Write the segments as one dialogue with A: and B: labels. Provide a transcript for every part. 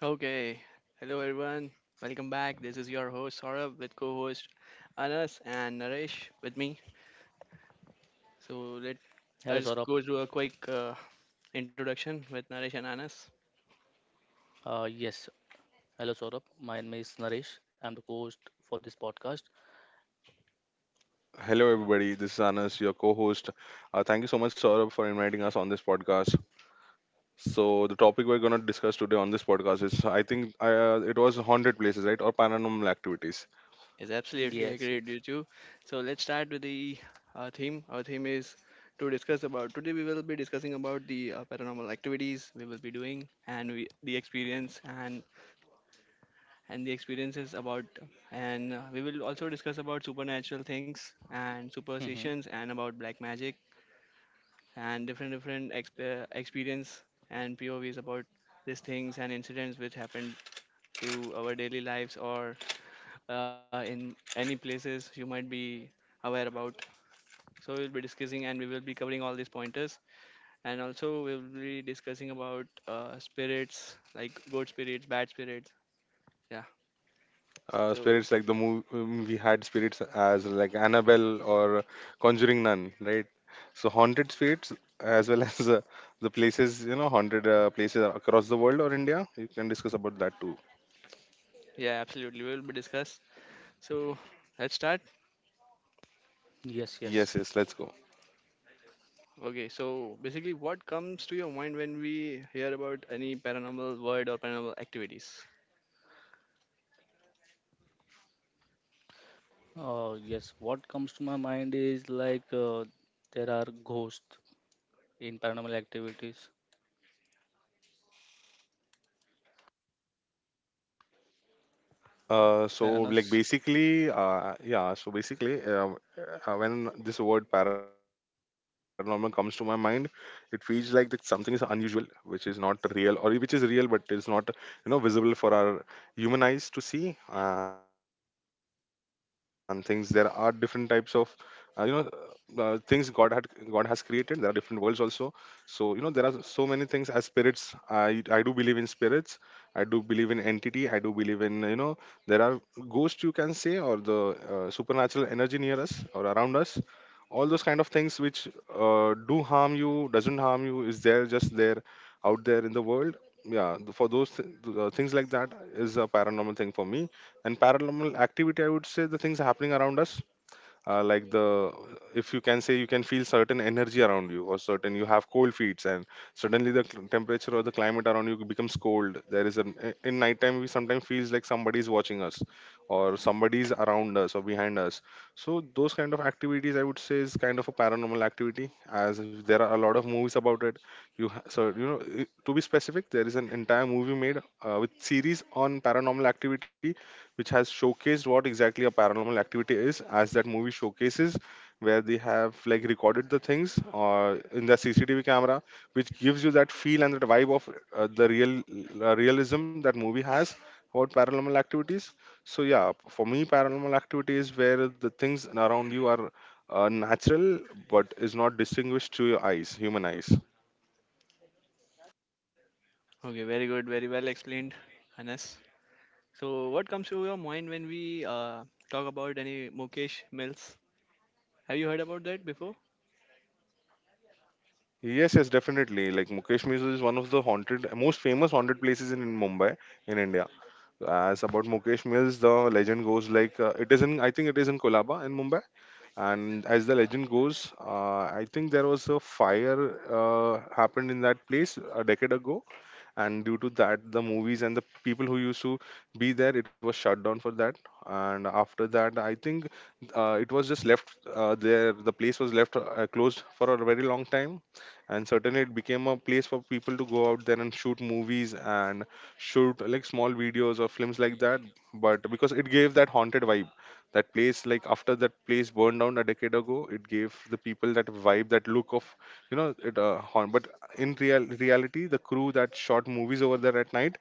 A: Okay, hello everyone. Welcome back. This is your host Saurabh with co-host Anas and Naresh with me. So let I
B: Hello,
A: just
B: Saurabh.
A: go through a quick introduction with Naresh and Anas.
B: Uh, yes, hello, Saurabh. My name is Naresh. I'm the host for this podcast.
C: Hello, everybody. This is Anas, your co-host. Thank you so much, Saurabh, for inviting us on this podcast. So, the topic we're going to discuss today on this podcast is, I think, it was haunted places, right, or paranormal activities.
A: Is absolutely
B: Yes,
A: agreed
B: yes.
A: you two. So let's start with the theme. Our theme is to discuss about today. We will be discussing about the paranormal activities we will be doing, and we, the experience, and the experiences about, and we will also discuss about supernatural things and
B: Hmm.
A: superstitions, and about black magic and different different experience and povs about these things and incidents which happen to our daily lives, or in any places you might be aware about. So we'll be discussing, and we will be covering all these pointers, and also we'll be discussing about spirits, like good spirits, bad spirits. Yeah. So
C: Spirits like the movie we had spirits as like Annabelle or Conjuring Nun, right? So, haunted spirits as well as the places, you know, haunted places across the world or India. You can discuss about that too.
A: yeah, absolutely, we'll be discuss so let's start.
B: Yes, yes.
C: Yes, yes. Let's go.
A: Okay, so basically, what comes to your mind when we hear about any paranormal word or paranormal activities?
B: Yes, what comes to my mind is like there are ghosts in paranormal activities.
C: Uh, so
B: And
C: like
B: us.
C: basically, when this word paranormal comes to my mind, it feels like that something is unusual, which is not real, or which is real but is not, you know, visible for our human eyes to see. And things there are different types of, uh, you know, things God had God has created. There are different worlds also. So you know, there are so many things as spirits. I do believe in spirits. I do believe in entity. I do believe in, you know, there are ghosts you can say, or the supernatural energy near us or around us. All those kind of things which do harm you, doesn't harm you, is there just there out there in the world. Yeah, for those things like that is a paranormal thing for me. And paranormal activity, I would say the things happening around us, like the, if you can say, you can feel certain energy around you, or certain you have cold feet and suddenly the temperature or the climate around you becomes cold. There is an in nighttime we sometimes feels like somebody is watching us or somebody is around us or behind us. So those kind of activities I would say is kind of a paranormal activity. As there are a lot of movies about it, so you know, to be specific, there is an entire movie made with series on paranormal activity, which has showcased what exactly a paranormal activity is. As that movie showcases, where they have like recorded the things or in the CCTV camera, which gives you that feel and that vibe of the real realism that movie has about paranormal activities. So yeah, for me, paranormal activity is where the things around you are natural but is not distinguished to your eyes, human eyes.
A: Okay, very good, very well explained, Anas. So, what comes to your mind when we talk about any Mukesh Mills? Have you heard about that before?
C: Yes, yes, definitely. Like Mukesh Museum is one of the haunted, most famous haunted places in Mumbai, in India. As about Mukesh Mills, the legend goes like, it is in, I think it is in Kolaba in Mumbai. And as the legend goes, I think there was a fire happened in that place a decade ago, and due to that, the movies and the people who used to be there, it was shut down for that. And after that, I think it was just left there. The place was left closed for a very long time, and certainly it became a place for people to go out there and shoot movies and shoot like small videos or films like that. But because it gave that haunted vibe, that place, like after that place burned down a decade ago, it gave the people that vibe, that look of, you know, it haunt. But in real reality, the crew that shot movies over there at night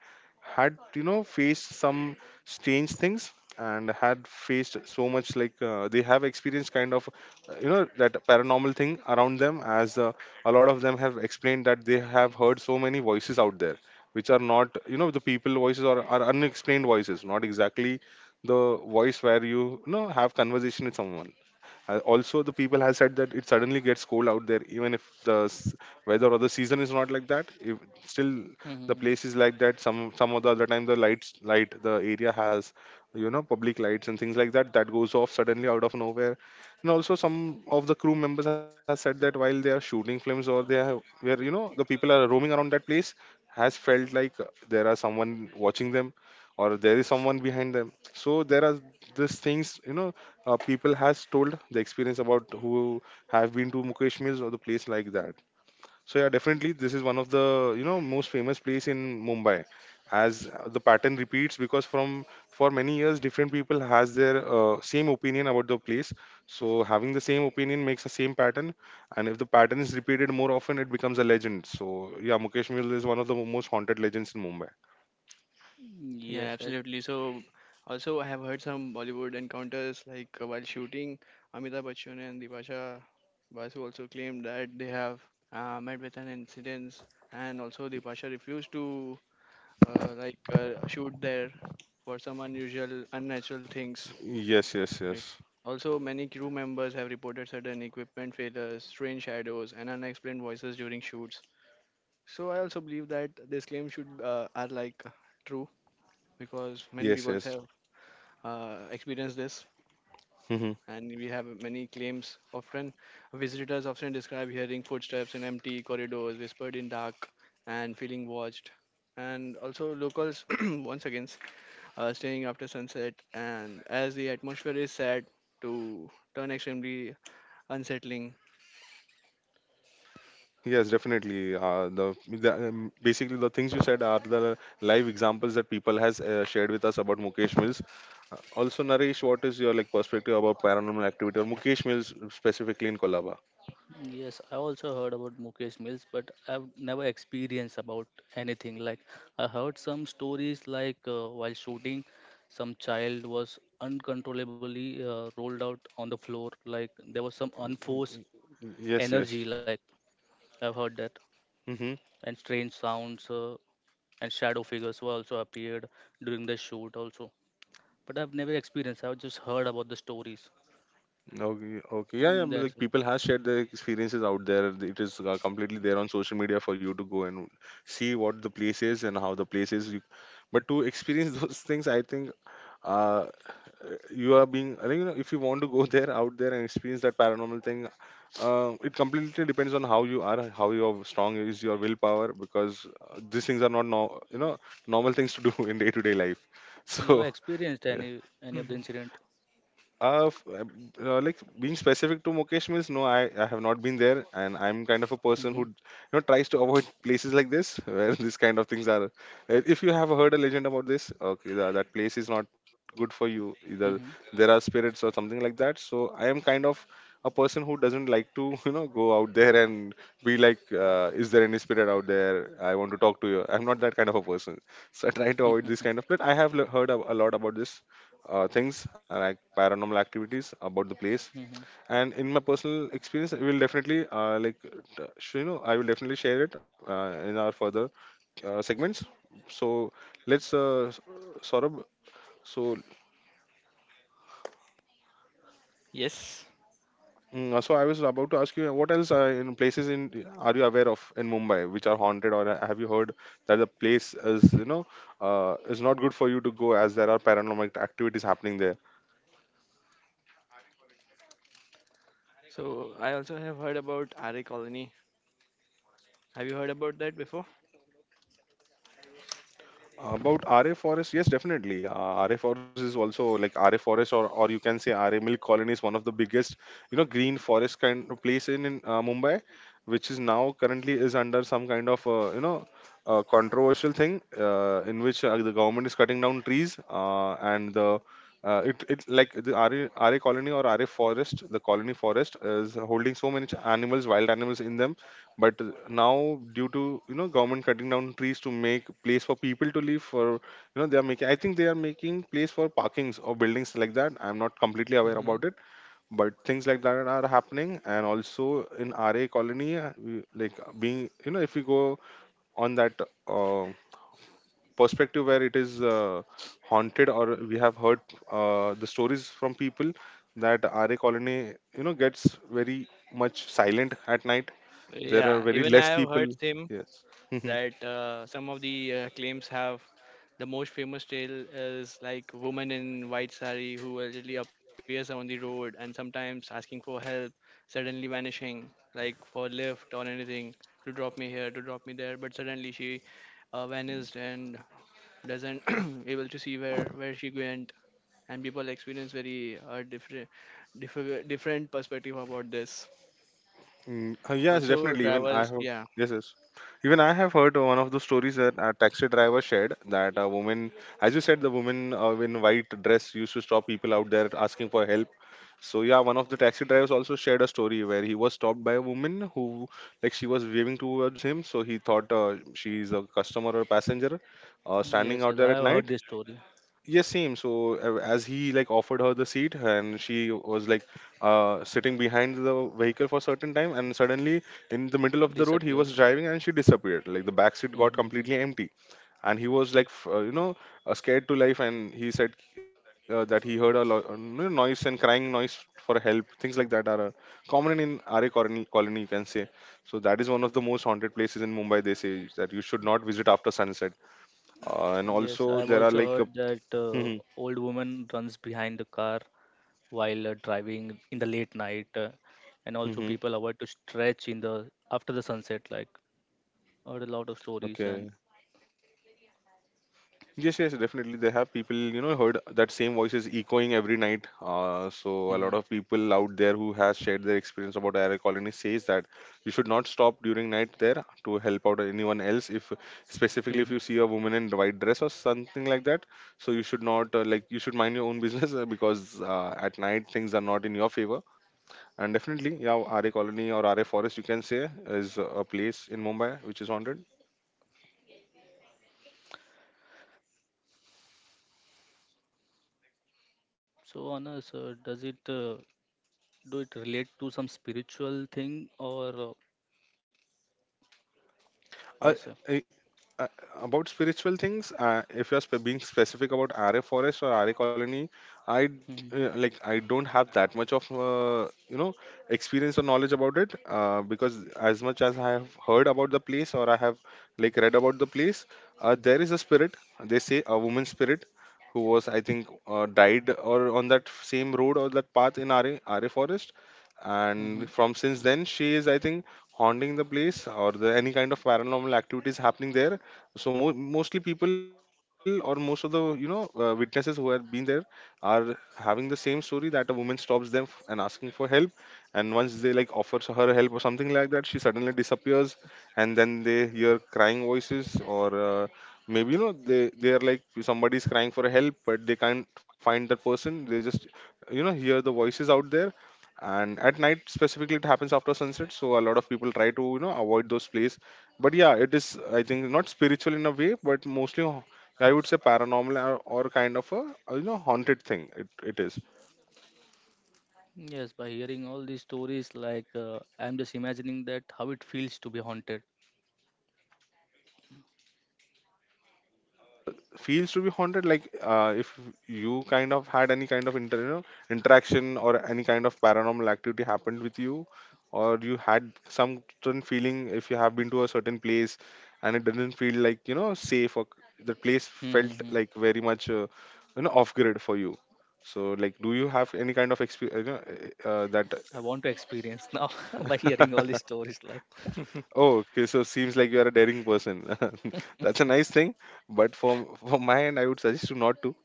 C: had, you know, faced some strange things, and had faced so much, like they have experienced kind of, you know, that paranormal thing around them. As a lot of them have explained that they have heard so many voices out there, which are not, you know, the people voices, or are unexplained voices, not exactly the voice where you know, have conversation with someone. Also the people have said that it suddenly gets cold out there, even if the weather or the season is not like that. If still
B: Hmm.
C: the place is like that, some of the other time the light the area has, you know, public lights and things like that, that goes off suddenly out of nowhere. And also, some of the crew members have said that while they are shooting films, or they have, where you know the people are roaming around that place, has felt like there are someone watching them, or there is someone behind them. So there are these things, you know, people has told the experience about, who have been to Mukesh Mills or the place like that. So yeah, definitely this is one of the, you know, most famous place in Mumbai, as the pattern repeats, because from for many years different people has their same opinion about the place. So having the same opinion makes the same pattern, and if the pattern is repeated more often, it becomes a legend. So yeah, Mukesh Mule is one of the most haunted legends in Mumbai.
A: Yeah,
B: Yes, I,
A: absolutely. So, also, I have heard some Bollywood encounters like while shooting, Amitabh Bachchan and Dipasha Basu also claimed that they have met with an incident, and also Dipasha refused to like shoot there for some unusual, unnatural things.
C: Yes, yes,
A: Right.
C: yes,
A: Also, many crew members have reported sudden equipment failures, strange shadows, and unexplained voices during shoots. So I also believe that this claim should, are like true, because many
C: yes,
A: people
C: yes.
A: have experienced this, and we have many claims. Often, visitors often describe hearing footsteps in empty corridors, whispered in dark, and feeling watched. And also, locals once again staying after sunset, and as the atmosphere is sad to turn extremely unsettling.
C: Yes, definitely. The basically the things you said are the live examples that people has shared with us about Mukesh Mills. Also, Naresh, what is your like perspective about paranormal activity or Mukesh Mills specifically in Kolaba?
B: yes, I also heard about Mukesh Mills, but I've never experienced about anything. Like, I heard some stories like while shooting, some child was uncontrollably rolled out on the floor. Like, there was some unforced
C: Yes,
B: energy.
C: yes.
B: Like, I've heard that,
C: Mm-hmm.
B: and strange sounds and shadow figures were also appeared during the shoot also. But I've never experienced. I've just heard about the stories.
C: Okay, okay. Yeah, yeah.
B: Mm, that's
C: Like
B: it.
C: people has shared their experiences out there. It is completely there on social media for you to go and see what the place is and how the place is. You, but to experience those things, I think uh, you are being, I think, you know, if you want to go there out there and experience that paranormal thing, it completely depends on how you are, how your strong is your willpower, because these things are not, no, you know, normal things to do in day to day life
B: You
C: so
B: experienced
C: yeah.
B: any of the
A: Mhm.
B: incident?
C: Uh, f- uh, like being specific to Mukesh means no, I have not been there, and I'm kind of a person who,
B: Hmm.
C: you know, tries to avoid places like this where these kind of things are. If you have heard a legend about this, okay, that place is not good for you. Either
B: Hmm.
C: there are spirits or something like that. So I am kind of a person who doesn't like to, you know, go out there and be like, is there any spirit out there? I want to talk to you. I'm not that kind of a person. So I try to avoid this kind of. But I have heard a lot about this things, like paranormal activities about the place.
B: Hmm.
C: And in my personal experience I will definitely, you know, I will definitely share it in our further segments. So let's, Saurabh, so
A: Yes.
C: so I was about to ask you what else, in places in, are you aware of in Mumbai which are haunted, or have you heard that the place is, you know, is not good for you to go as there are paranormal activities happening there.
A: So I also have heard about RA Colony. Have you heard about that before?
C: About RA Forest, yes, definitely. RA Forest is also like RA Forest, or you can say RA Milk Colony is one of the biggest, you know, green forest kind of place in Mumbai, which is now currently is under some kind of, you know, controversial thing, in which the government is cutting down trees, and the it, it like the RA colony or RA forest, the colony forest is holding so many animals, wild animals in them. But now due to, you know, government cutting down trees to make place for people to live, for you know they are making, I think they are making place for parkings or buildings like that, I'm not completely aware
A: Hmm.
C: about it. But things like that are happening. And also in RA colony, like being, you know, if we go on that uh, perspective where it is haunted, or we have heard the stories from people that RA colony, you know, gets very much silent at night, there are
A: Yeah,
C: very
A: even
C: less
A: I have
C: people.
A: heard him
C: Yes. Mhm.
A: that some of the claims have. The most famous tale is like, woman in white sari who allegedly appears on the road and sometimes asking for help, suddenly vanishing, like for lift or anything, to drop me here, to drop me there, but suddenly she vanished and doesn't able to see where she went. And people experience very different perspective about this.
C: Mm, yes,
A: Also
C: definitely, even I
A: drivers,
C: have,
A: yeah.
C: yes, yes, even I have heard one of the stories that a taxi driver shared that a woman, as you said, the woman in white dress used to stop people out there asking for help. So yeah, one of the taxi drivers also shared a story where he was stopped by a woman who, like, she was waving towards him. So he thought she is a customer or passenger, standing
B: Yes, yes,
C: out there
B: I
C: at
B: have heard
C: night.
B: this story.
C: Yes, same. So as he like offered her the seat, and she was like sitting behind the vehicle for a certain time, and suddenly in the middle of the road he was
B: Disappears.
C: driving, and she disappeared. Like the back seat got
B: Mm-hmm.
C: completely empty and he was like scared to life. And he said that he heard a lot noise and crying noise for help. Things like that are common in ra colony, colony you can say. So that is one of the most haunted places in Mumbai. They say that you should not visit after sunset, and
B: Yes, I
C: also
B: have
C: there are
B: also
C: like a,
B: heard that
C: Mhm,
B: old woman runs behind the car while driving in the late night, and also
C: mhm.
B: people avoid to stretch in the after the sunset. Like, heard a lot of stories and.
C: Okay. Yes, yes, definitely. They have people, heard that same voice is echoing every night. So a lot of people out there who has shared their experience about air colony says that you should not stop during night there to help out anyone else. If specifically if you
B: Mm-hmm.
C: see a woman in white dress or something like that, so you should not you should mind your own business, because at night things are not in your favor. And definitely, yeah, RA colony or RA forest, you can say, is a place in Mumbai which is haunted.
B: So, Anna, sir, does it relate to some spiritual thing or or is it?
C: I, I, I, about spiritual things, if you're being specific about RA Forest or RA Colony, I d-
B: Mm-hmm.
C: like I don't have that much of, experience or knowledge about it, because as much as I have heard about the place, or I have like read about the place, there is a spirit. They say a woman spirit who was, I think, died or on that same road or that path in RA Forest, and from since then she is, I think, haunting the place or the any kind of paranormal activities happening there. So mostly people, or most of the, witnesses who have been there, are having the same story that a woman stops them and asking for help, and once they like offers her help or something like that, she suddenly disappears. And then they hear crying voices, or maybe, you know, they are like somebody's crying for help, but they can't find that person. They just, you know, hear the voices out there. And at night specifically it happens after sunset, so a lot of people try to, you know, avoid those places. But yeah, it is, I think, not spiritual in a way, but mostly I would say paranormal, or kind of a, haunted thing it is.
B: Yes, by hearing all these stories, like I'm just imagining that how it feels to be haunted.
C: uh, Feels to be haunted, like if you kind of had any kind of interaction or any kind of paranormal activity happened with you, or you had some certain feeling, if you have been to a certain place and it didn't feel like, you know, safe, or the place felt
B: Mm-hmm.
C: like very much, off grid for you. So like, do you have any kind of experience, you know, uh, uh,
B: I want to experience now by hearing all
C: that?
B: these stories. Like,
C: Oh, okay. So seems like you are a daring person. That's a nice thing. But for from my end, I would suggest you not to,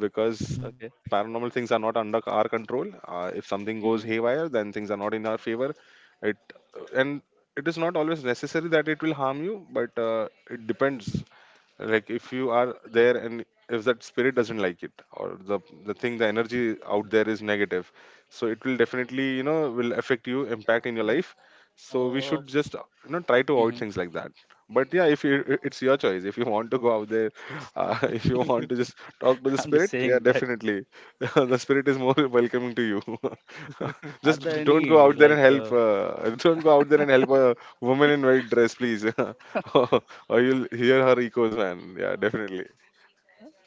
C: because
B: okay,
C: paranormal things are not under our control. If something goes
B: mm.
C: haywire, then things are not in our favor. It and it is not always necessary that it will harm you, but it depends. Like if you are there, and if that spirit doesn't like it, or the thing, the energy out there is negative, so it will definitely, you know, will affect you, impact in your life. So we
B: uh,
C: should just, you know, try to avoid
B: hmm
C: things like that. But yeah, if you it's your choice if you want to go out there, if you want to just talk to the
B: I'm just
C: spirit, yeah,
B: saying that.
C: definitely, the spirit is more welcoming to you.
B: Are
C: Just
B: there
C: don't go
B: any
C: out there and
B: like
C: help,
B: uh,
C: don't go out there and help a woman in white dress, please. Or you'll hear her echoes, man. Yeah, definitely.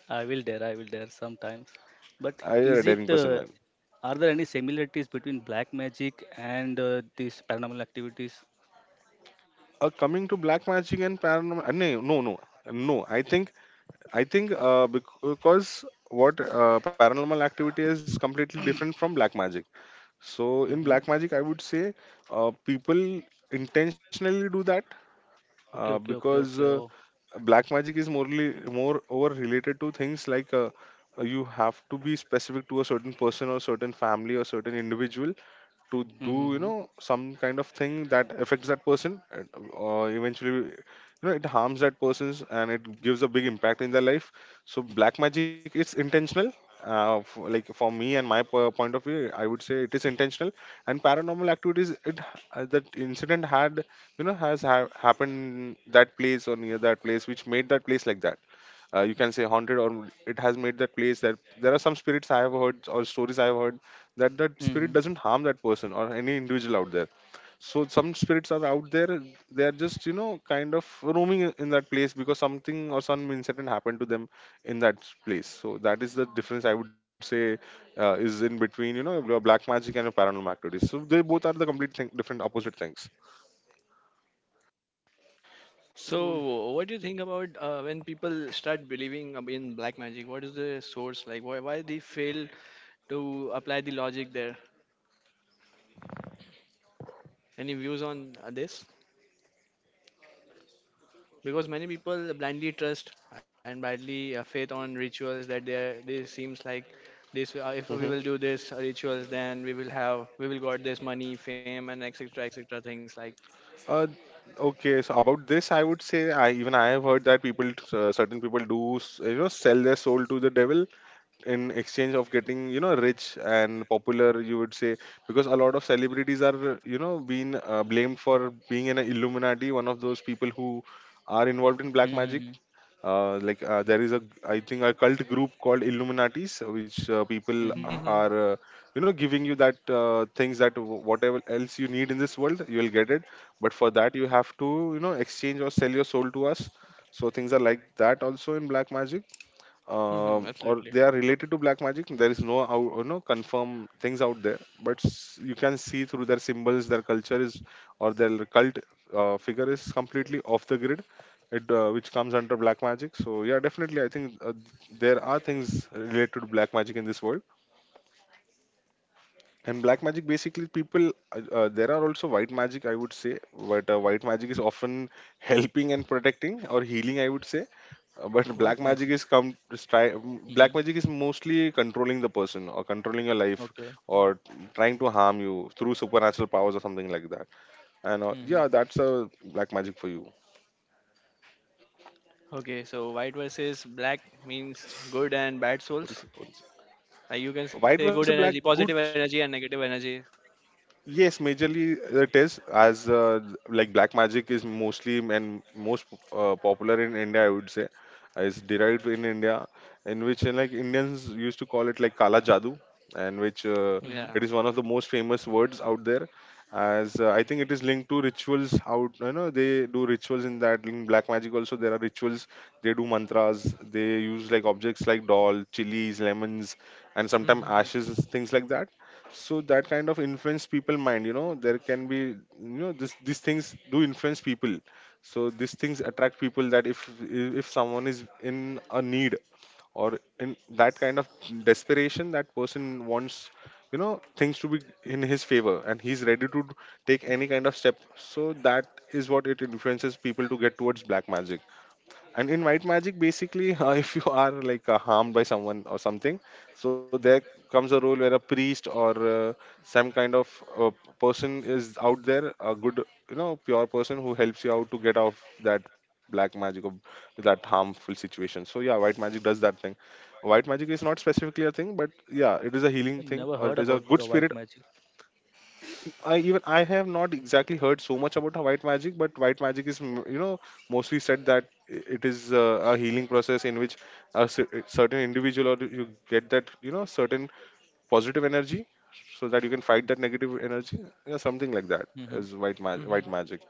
B: I will dare sometimes, but
C: I You're a
B: is it?
C: daring person, man.
B: Are there any similarities between black magic and these paranormal activities?
C: Coming to black magic and paranormal. No, no, no, no. I think because what paranormal activity is completely different from black magic. So
B: Mm-hmm.
C: in black magic, I would say people intentionally do that,
B: Okay, okay, okay,
C: because
B: okay. Oh.
C: black magic is morely more over related to things like you have to be specific to a certain person or certain family or certain individual, to do, you
B: Mm-hmm.
C: know, some kind of thing that affects that person. And eventually, you know, it harms that person's, and it gives a big impact in their life. So black magic is intentional. Like for me and my point of view, I would say it is intentional. And paranormal activities, that incident had, you know, happened that place or near that place, which made that place like that. You can say haunted, or it has made that place that. There are some spirits I have heard, or stories I have heard, that that spirit
B: Mm-hmm.
C: doesn't harm that person or any individual out there. So some spirits are out there, they are just, you know, kind of roaming in that place, because something or some incident happened to them in that place. So that is the difference, I would say, is in between, you know, your black magic and your paranormal activities. So they both are the complete thing, different opposite things.
A: So, what do you think about when people start believing in black magic? What is the source like? Why they fail to apply the logic there? Any views on this? Because many people blindly trust and blindly faith on rituals that they seems like this, if we will do this rituals, then we will got this money, fame, and etc etc things like.
C: Uh, okay, so about this, I would say, I even I have heard that people, certain people do, you know, sell their soul to the devil in exchange of getting, you know, rich and popular, you would say. Because a lot of celebrities are, you know, being blamed for being an illuminati, one of those people who are involved in black
B: Mm-hmm.
C: magic. There is a, I think, a cult group called illuminatis, which people
B: Mm-hmm.
A: Hmm.
C: are you know, giving you that things that whatever else you need in this world, you will get it. But for that, you have to, you know, exchange or sell your soul to us. So things are like that also in black magic.
A: Hmm.
C: Or
A: Absolutely.
C: they are related to black magic. There is no out, you know, confirm things out there, but you can see through their symbols, their culture is, or their cult figure is completely off the grid, it which comes under black magic. So yeah, definitely, I think there are things related to black magic in this world. And black magic, basically, people, there are also white magic, I would say, but white magic is often helping and protecting or healing, I would say. But black
B: White
C: magic
B: magic.
C: is come to black
B: Mm-hmm.
C: magic is mostly controlling the person or controlling your life,
B: Okay.
C: or trying to harm you through supernatural powers or something like that. And
B: Mm-hmm.
C: yeah, that's a black magic for you.
A: Okay, so white versus black means good and bad
C: What is
A: souls.
C: it? What is
A: You
C: it?
A: can
C: White
A: say
C: versus
A: good
C: black,
A: energy,
C: good.
A: positive energy, and negative energy.
C: Yes, majorly it is as like black magic is mostly and most popular in India, I would say, is derived in India, in which like Indians used to call it like kala jadoo, and which
B: Mm-hmm.
A: Yeah.
C: it is one of the most famous words out there, as I think it is linked to rituals. Out, you know, they do rituals in that. In black magic also, there are rituals. They do mantras. They use like objects like doll, chilies, lemons, and sometimes
A: Mhm,
C: ashes, things like that. So that kind of influence people mind. You know, there can be, you know, this these things do influence people. So these things attract people that if someone is in a need or in that kind of desperation. That person wants, you know, things to be in his favor, and he's ready to take any kind of step. So that is what it influences people to get towards black magic. And in white magic basically, if you are like harmed by someone or something, so there comes a role where a priest or some kind of uh, person is out there, a good, you know, pure person who helps you out to get off that black magic or that harmful situation. So yeah, white magic does that thing. White magic is not specifically a thing, but yeah, it is a healing thing
B: Never
C: or it
B: heard
C: is a
B: about
C: good
B: the
C: spirit.
B: white magic.
C: I have not exactly heard so much about white magic, but white magic is you know mostly said that it is a healing process in which a certain individual, or you get that, you know, certain positive energy so that you can fight that negative energy. Yeah, something like that
B: Mm-hmm.
C: is white white
A: mhm.
C: magic.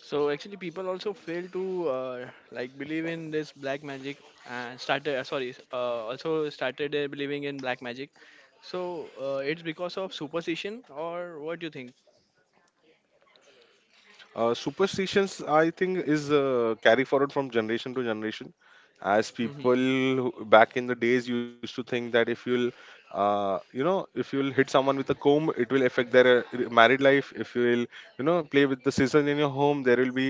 A: So actually, people also fail to like believe in this black magic and started. Sorry, also started believing in black magic. So it's because of superstition, or what do you think?
C: Uh, superstitions, I think, is carry forward from generation to generation, as people
A: Mhm.
C: back in the days used to think that if you'll you know, if you will hit someone with a comb, it will affect their married life. If you will, you know, play with the scissors in your home, there will be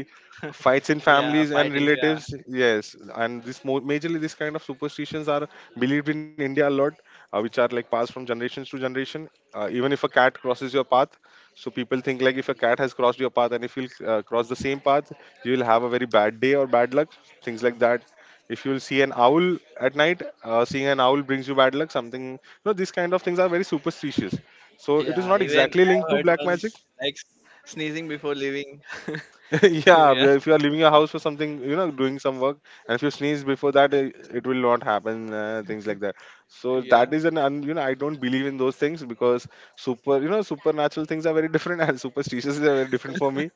C: fights in
A: Yeah,
C: families and
A: fightings. Yeah,
C: relatives. Yes, and this majorly this kind of superstitions are believed in India a lot, which are like passed from generations to generation. Uh, even if a cat crosses your path, so people think, like, if a cat has crossed your path and if you'll cross the same path, you will have a very bad day or bad luck, things like that. If you'll see an owl at night, seeing an owl brings you bad luck, something, you know, these kind of things are very superstitious. So it is
A: yeah.
C: not
A: Even
C: exactly linked
A: I
C: to
A: heard
C: black
A: one,
C: magic.
A: like sneezing before leaving.
C: Yeah,
A: Yeah,
C: if you are leaving your house for something, you know, doing some work, and if you sneeze before that, it will not happen. Things like that. So that
A: yeah.
C: is an, un, you know, I don't believe in those things because super, you know, supernatural things are very different, and superstitious are very different for me,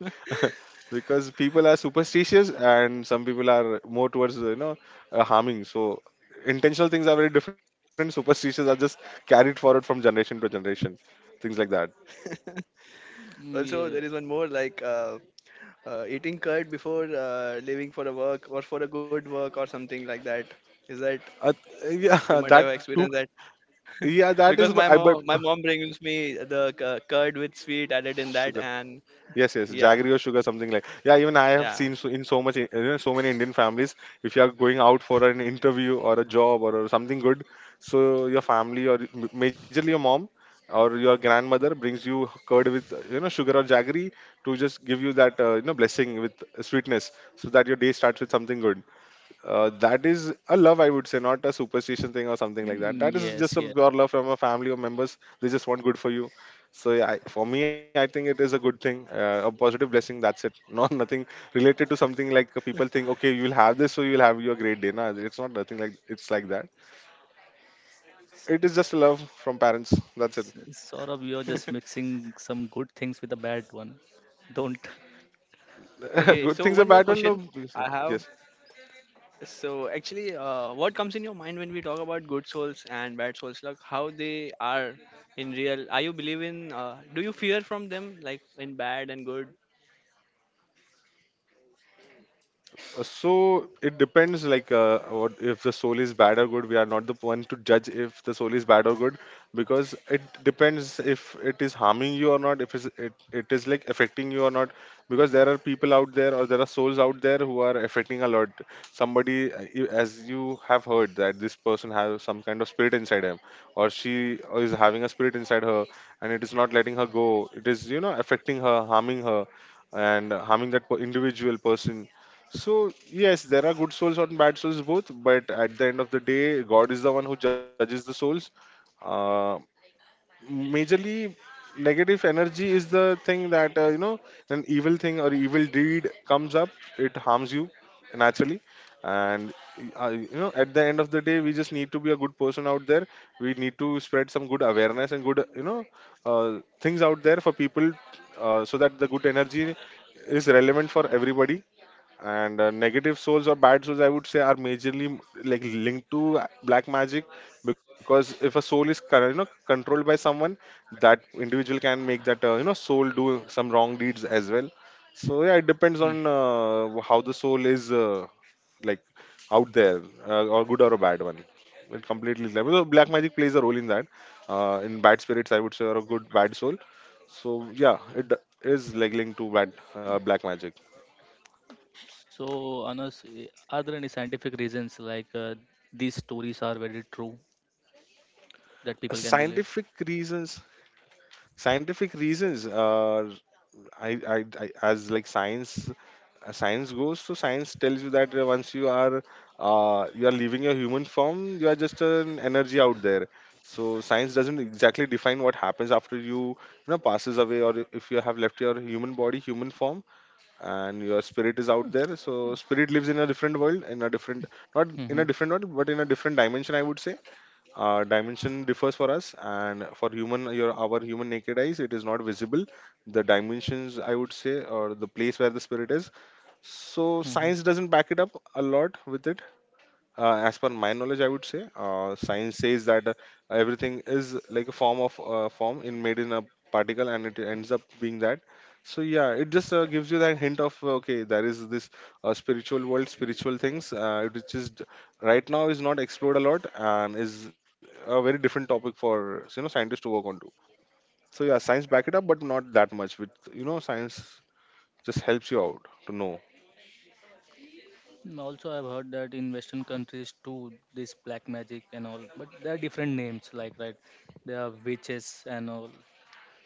C: because people are superstitious and some people are more towards, you know, harming. So intentional things are very different. Superstitious are just carried forward from generation to generation, things like that.
A: Also,
B: Yeah.
A: there is one more, like eating curd before leaving for a work or for a good work or something like that. Is that
C: Uh, yeah,
A: you might have
C: that
A: experienced
C: took.
A: that?
C: Yeah, that
A: Because
C: is,
A: my
C: but I
A: mom,
C: but
A: my mom brings me the curd with sweet added in that,
C: sugar.
A: and
C: Yes, yes,
A: yeah,
C: jaggery or sugar, something like. Yeah, even I have
A: yeah.
C: seen so, in so much, you know, so many Indian families, if you are going out for an interview or a job, or something good, so your family, or majorly your mom or your grandmother brings you curd with you know, sugar or jaggery, to just give you that you know, blessing with sweetness so that your day starts with something good. Uh, that is a love, I would say, not a superstition thing or something like that.
B: Mm,
C: That is
B: yes,
C: just a
B: yes.
C: pure love from a family or members. They just want good for you. So yeah, for me, I think it is a good thing, a positive blessing, that's it. Not nothing related to something like people think, okay, you will have this, so you'll have your great day. No, it's not nothing like it's like that. It is just love from parents, that's it.
B: S- Sort of, you're just mixing some good things with a bad one. Don't.
A: Okay, so
C: Good
A: one
C: things or
A: more
C: bad one?
A: question
C: No.
A: I have.
C: Yes.
A: So actually, what comes in your mind when we talk about good souls and bad souls? Like, how they are in real? Are you believe in? Do you fear from them, like in bad and good?
C: So it depends, like, what if the soul is bad or good. We are not the one to judge if the soul is bad or good, because it depends if it is harming you or not, if it's, it is like affecting you or not. Because there are people out there, or there are souls out there who are affecting a lot. Somebody, as you have heard, that this person has some kind of spirit inside him, or she is having a spirit inside her, and it is not letting her go. It is, you know, affecting her, harming her, and harming that individual person. So yes, there are good souls and bad souls both, but at the end of the day, God is the one who judges the souls. Uh, majorly, negative energy is the thing that, you know, an evil thing or evil deed comes up, it harms you naturally. And, you know, at the end of the day, we just need to be a good person out there. We need to spread some good awareness and good, you know, things out there for people, so that the good energy is relevant for everybody. And negative souls or bad souls, I would say, are majorly like linked to black magic, because if a soul is you know, controlled by someone, that individual can make that you know, soul do some wrong deeds as well. So yeah, it depends
B: Hmm.
C: on how the soul is like out there, or good or a bad one. It completely depends. So black magic plays a role in that, in bad spirits, I would say, or a good bad soul. So yeah, is like linked to bad black magic.
B: So, Anas, eh, are there any scientific reasons like these stories are very true that people can believe?
C: Scientific reasons. Scientific reasons are, I as like science, science goes, so science tells you that once you are leaving your human form, you are just an energy out there. So science doesn't exactly define what happens after you know, passes away, or if you have left your human body, human form, and your spirit is out there. So spirit lives in a different world, in a different, not
B: Mm-hmm.
C: in a different world, but in a different dimension, I would say. Dimension differs for us, and for human, your, our human naked eyes, it is not visible, the dimensions, I would say, or the place where the spirit is. So science doesn't back it up a lot with it. As per my knowledge, I would say, science says that everything is like a form of form in, made in a particle, and it ends up being that. So yeah, it just gives you that hint of okay, there is this spiritual world, spiritual things, which is right now is not explored a lot, and is a very different topic for, you know, scientists to work on to. So yeah, science back it up, but not that much with, you know, science just helps you out to know.
B: Mm, also, I've heard that in Western countries too, this black magic and all, but there are different names, like, right, there are witches and all.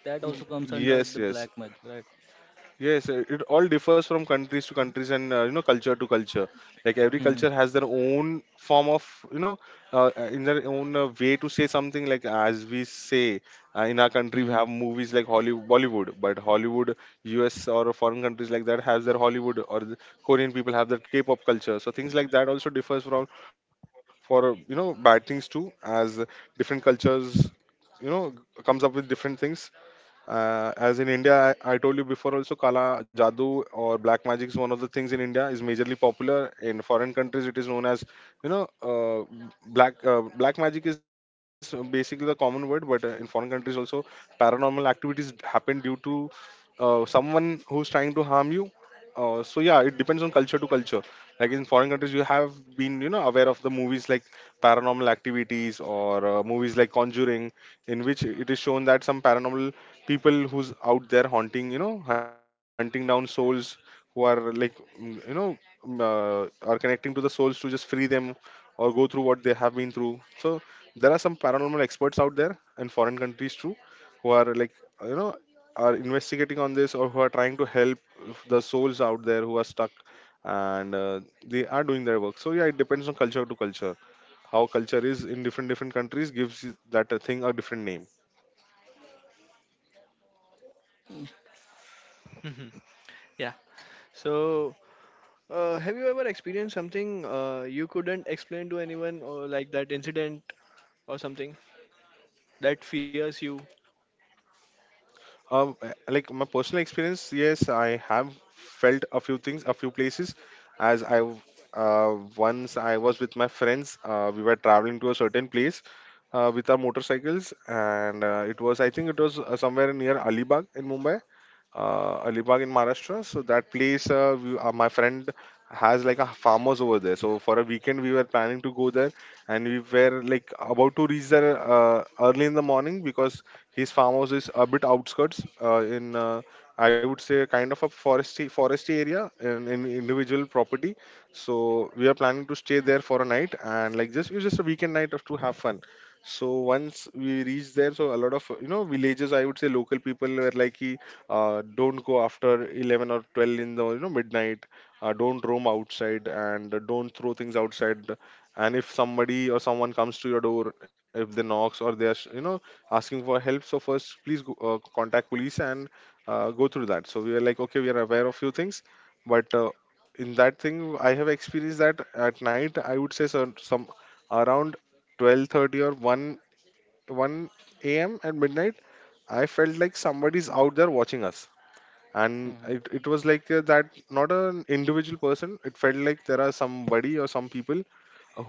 B: That
C: Y-
B: also comes under
C: yes,
B: the
C: yes.
B: black magic, right?
C: Yes, it all differs from countries to countries, and you know, culture to culture. Like every
B: Mm-hmm.
C: culture has their own form of, you know, in their own way to say something. Like as we say, in our country, we
B: Mm-hmm.
C: have movies like Hollywood, Bollywood, but Hollywood, US or foreign countries like that has their Hollywood, or the Korean people have their K-pop culture. So things like that also differs from, for you know, bad things too, as different cultures, you know, comes up with different things. As in India, I told you before also, Kala Jadoo or black magic is one of the things in India is majorly popular. In foreign countries, it is known as, you know, black magic is basically the common word, but in foreign countries also, paranormal activities happen due to someone who's trying to harm you. So yeah, it depends on culture to culture. Like in foreign countries, you have been, you know, aware of the movies like Paranormal Activities, or movies like Conjuring, in which it is shown that some paranormal people who's out there haunting, you know, hunting down souls, who are like, mm, you know, mm, are connecting to the souls to just free them or go through what they have been through. So there are some paranormal experts out there in foreign countries too, who are like, you know, are investigating on this, or who are trying to help the souls out there who are stuck, and they are doing their work. So yeah, it depends on culture to culture, how culture is in different different countries, gives that a thing a different name.
A: Mhm. Yeah. So have you ever experienced something you couldn't explain to anyone, or like that incident or something that fears you?
C: Like my personal experience, yes, I have felt a few things, a few places. As I w- Once I was with my friends, we were traveling to a certain place with our motorcycles, and it was, I think it was somewhere near Alibag in Mumbai, Alibag in Maharashtra. So that place, my friend has like a farmers over there. So for a weekend, we were planning to go there, and we were like about to reach there early in the morning, because his farmhouse is a bit outskirts in. I would say kind of a foresty area in individual property. So we are planning to stay there for a night, and like, just it was just a weekend night of to have fun. So once we reached there, so a lot of villages, I would say local people were like, "Ki, don't go after 11 or 12 in the midnight, don't roam outside and don't throw things outside, and if somebody or someone comes to your door, if they knocks or they're asking for help, so first please go, contact police and go through that." So we are like, okay, we are aware of few things, but in that thing I have experienced that at night I would say some around 12:30 or 1 a.m. at midnight. I felt like somebody's out there watching us, and
B: Mm-hmm.
C: it was like, that not an individual person, it felt like there are somebody or some people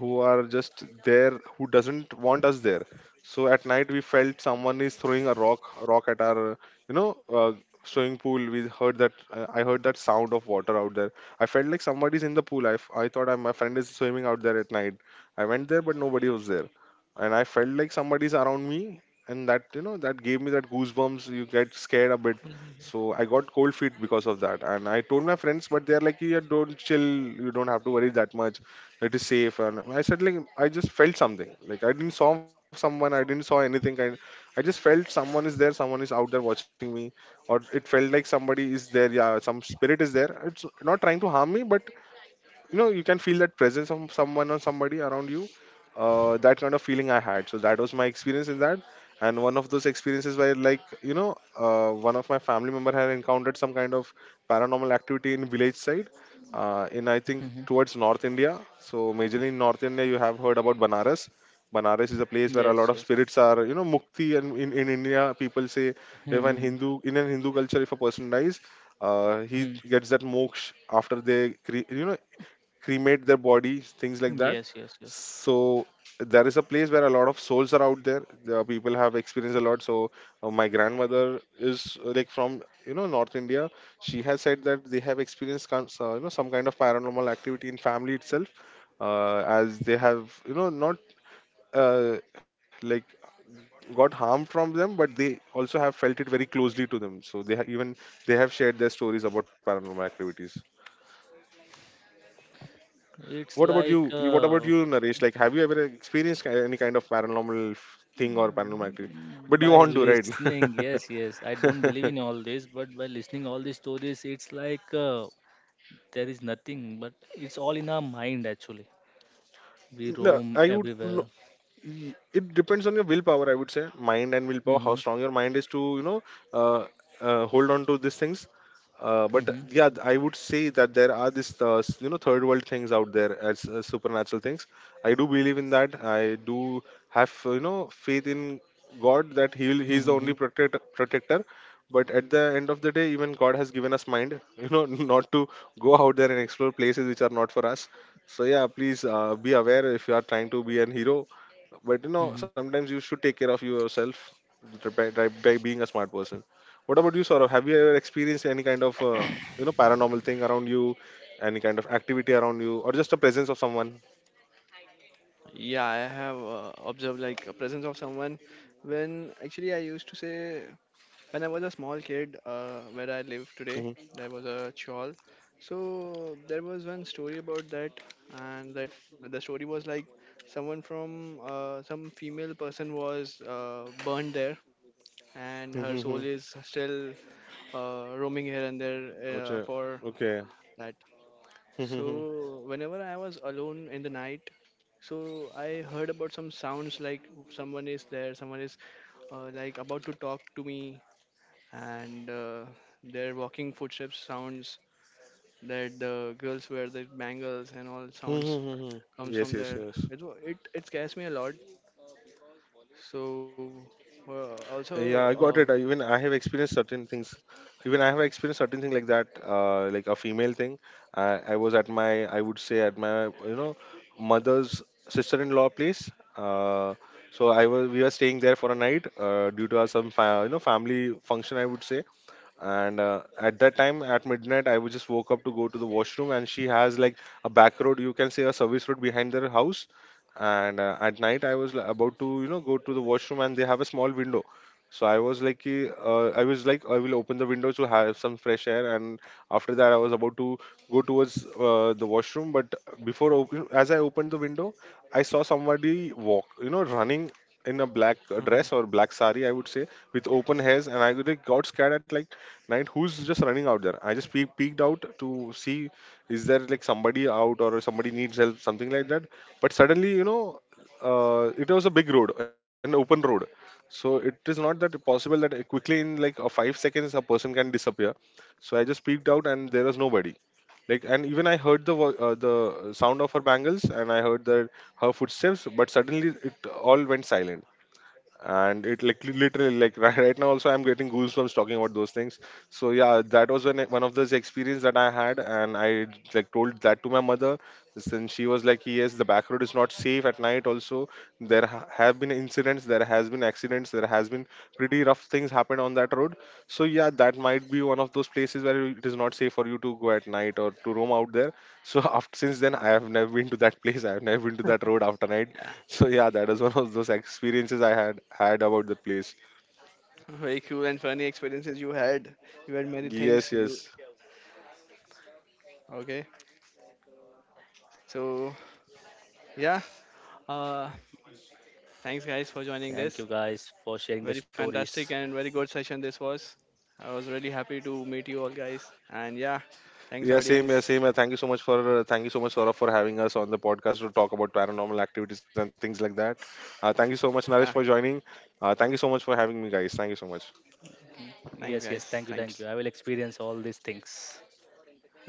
C: who are just there, who doesn't want us there. So at night we felt someone is throwing a rock at our you know uh, swimming pool. We heard that, I heard that sound of water out there. I felt like somebody's in the pool. I thought my friend is swimming out there at night. I went there, but nobody was there. And I felt like somebody's around me, and that, that gave me that goosebumps, you get scared a bit. So I got cold feet because of that, and I told my friends, but they're like, yeah, don't chill, you don't have to worry that much, it is safe. And I said, like, I just felt something. Like, I didn't saw someone, I didn't saw anything. I just felt someone is there, someone is out there watching me, or it felt like somebody is there. Yeah, some spirit is there, it's not trying to harm me, but you know, you can feel that presence of someone or somebody around you. That kind of feeling I had, so that was my experience in that. And one of those experiences where, like, one of my family member had encountered some kind of paranormal activity in village side, in, I
B: Mm-hmm.
C: think, towards North India. So majorly in North India, you have heard about banaras. Banaras is a place where a
B: Yes,
C: lot of
B: yes.
C: spirits are, you know, mukti. And in India, people say if an
B: Mm-hmm.
C: Hindu, in an Hindu culture, if a person dies, he gets that moksha after they, cremate their bodies, things like that.
B: Yes, yes, yes.
C: So there is a place where a lot of souls are out there. The people have experienced a lot. So my grandmother is, like, from North India. She has said that they have experienced some kind of paranormal activity in family itself, as they have not, uh, like, got harm from them, but they also have felt it very closely to them. So even they have shared their stories about paranormal activities. What
B: It's
C: about
B: like
C: you? What about
B: uh,
C: you, Naresh? Like, have you ever experienced, any kind of paranormal thing or paranormal activity? But you
B: by
C: want to, right?
B: listening, yes, yes. I don't believe in all this, but by listening all these stories, it's like there is nothing, but it's all in our mind actually. We
C: No,
B: roam
C: I would. No,
B: everywhere.
C: it depends on your willpower. I would say mind and willpower. How
B: Mhm.
C: strong your mind is to, uh, hold on to these things. But
B: Mhm.
C: yeah, I would say that there are this, third world things out there, as, supernatural things. I do believe in that. I do have, faith in God that He's the
B: Mhm.
C: only
B: Mhm.
C: protector. But at the end of the day, even God has given us mind, not to go out there and explore places which are not for us. So yeah, please, be aware if you are trying to be an hero, but
B: Mhm.
C: sometimes you should take care of yourself by, being a smart person. What about you, Saurav? Have you ever experienced any kind of, paranormal thing around you, any kind of activity around you, or just a presence of someone?
A: Yeah, I have observed like a presence of someone. When actually I used to say, when I was a small kid, where I live today,
C: Mhm.
A: there was a chawl. So there was one story about that, and that the story was like, someone from some female person was burned there, and her
C: Mhm,
A: soul
C: mhm.
A: is still roaming here and there
C: Okay.
A: for
C: Okay.
A: that.
C: Mhm, mhm.
A: So whenever I was alone in the night, so I heard about some sounds, like someone is there, someone is like about to talk to me, and their walking footsteps sounds, that the girls wear the bangles and all
C: Mhm,
A: sounds
C: mhm, mhm.
A: comes from
C: Yes,
A: there.
C: yes, yes.
A: It wa- it scares me a lot. So
C: Yeah, I got it.
A: also.
C: Even
A: Um,
C: I have experienced certain things. Even I have experienced certain thing like that, like a female thing. I was at my, I would say at my, mother's sister-in-law place. Uh, so we were staying there for a night, due to our some, family function, I would say. And at that time at midnight I would just woke up to go to the washroom, and she has like a back road, you can say a service road, behind their house. And, at night I was like, about to, go to the washroom, and they have a small window. So I was like, I was like, I will open the window to have some fresh air. And after that, I was about to go towards, the washroom, but as I opened the window, I saw somebody walk, running in a black,
A: Mhm.
C: dress or black sari, I would say, with open hairs. And I really got scared, at like client who's just running out there. I just peeked out to see, is there like somebody out or somebody needs help, something like that? But suddenly, it was a big road, an open road. So it is not that possible that, quickly in like a 5 seconds a person can disappear. So I just peeked out and there was nobody. Like, and even I heard the the sound of her bangles, and I heard that her footsteps, but suddenly it all went silent. And it, like, literally like, right, right now also I'm getting goosebumps talking about those things. So yeah, that was when one of those experience that I had, and I like told that to my mother. Since she was like, yes, the back road is not safe at night also, there have been incidents, there has been accidents, there has been pretty rough things happen on that road. So yeah, that might be one of those places where it is not safe for you to go at night or to roam out there. So after since then I have never been to that, place, I have never been to that road after night.
A: Yeah.
C: So yeah, that is one of those experiences I had had about the place.
A: Very cool and funny experiences you had. You had many things.
C: Yes,
A: You
C: yes.
A: okay? So yeah, uh, thanks guys for joining
B: Thank you
A: this.
B: guys for sharing the
A: Very
B: stories.
A: fantastic and very good session this was. I was really happy to meet you all guys. And yeah, thanks
C: Yeah, same, yeah,
A: audience.
C: same. Thank you so much, Saurabh, for having us on the podcast to talk about paranormal activities and things like that. Thank you so much, Naresh, for
A: Ah,
C: joining. Thank you so much for having me, guys. Thank you so much.
A: thanks
B: Yes, yes,
A: guys.
B: thank you, thank you.
A: Thanks.
B: I will experience all these things.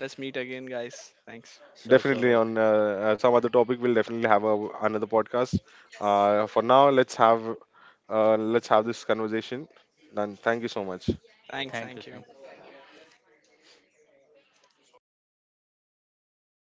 A: Let's meet again, guys. Thanks.
B: Sure,
C: Definitely
B: sure.
C: on, some other topic, we'll definitely have another podcast. For now, let's have, this conversation. And thank you so much.
A: Thanks.
B: Thank you,
A: Thank
B: thank
A: you.
B: you.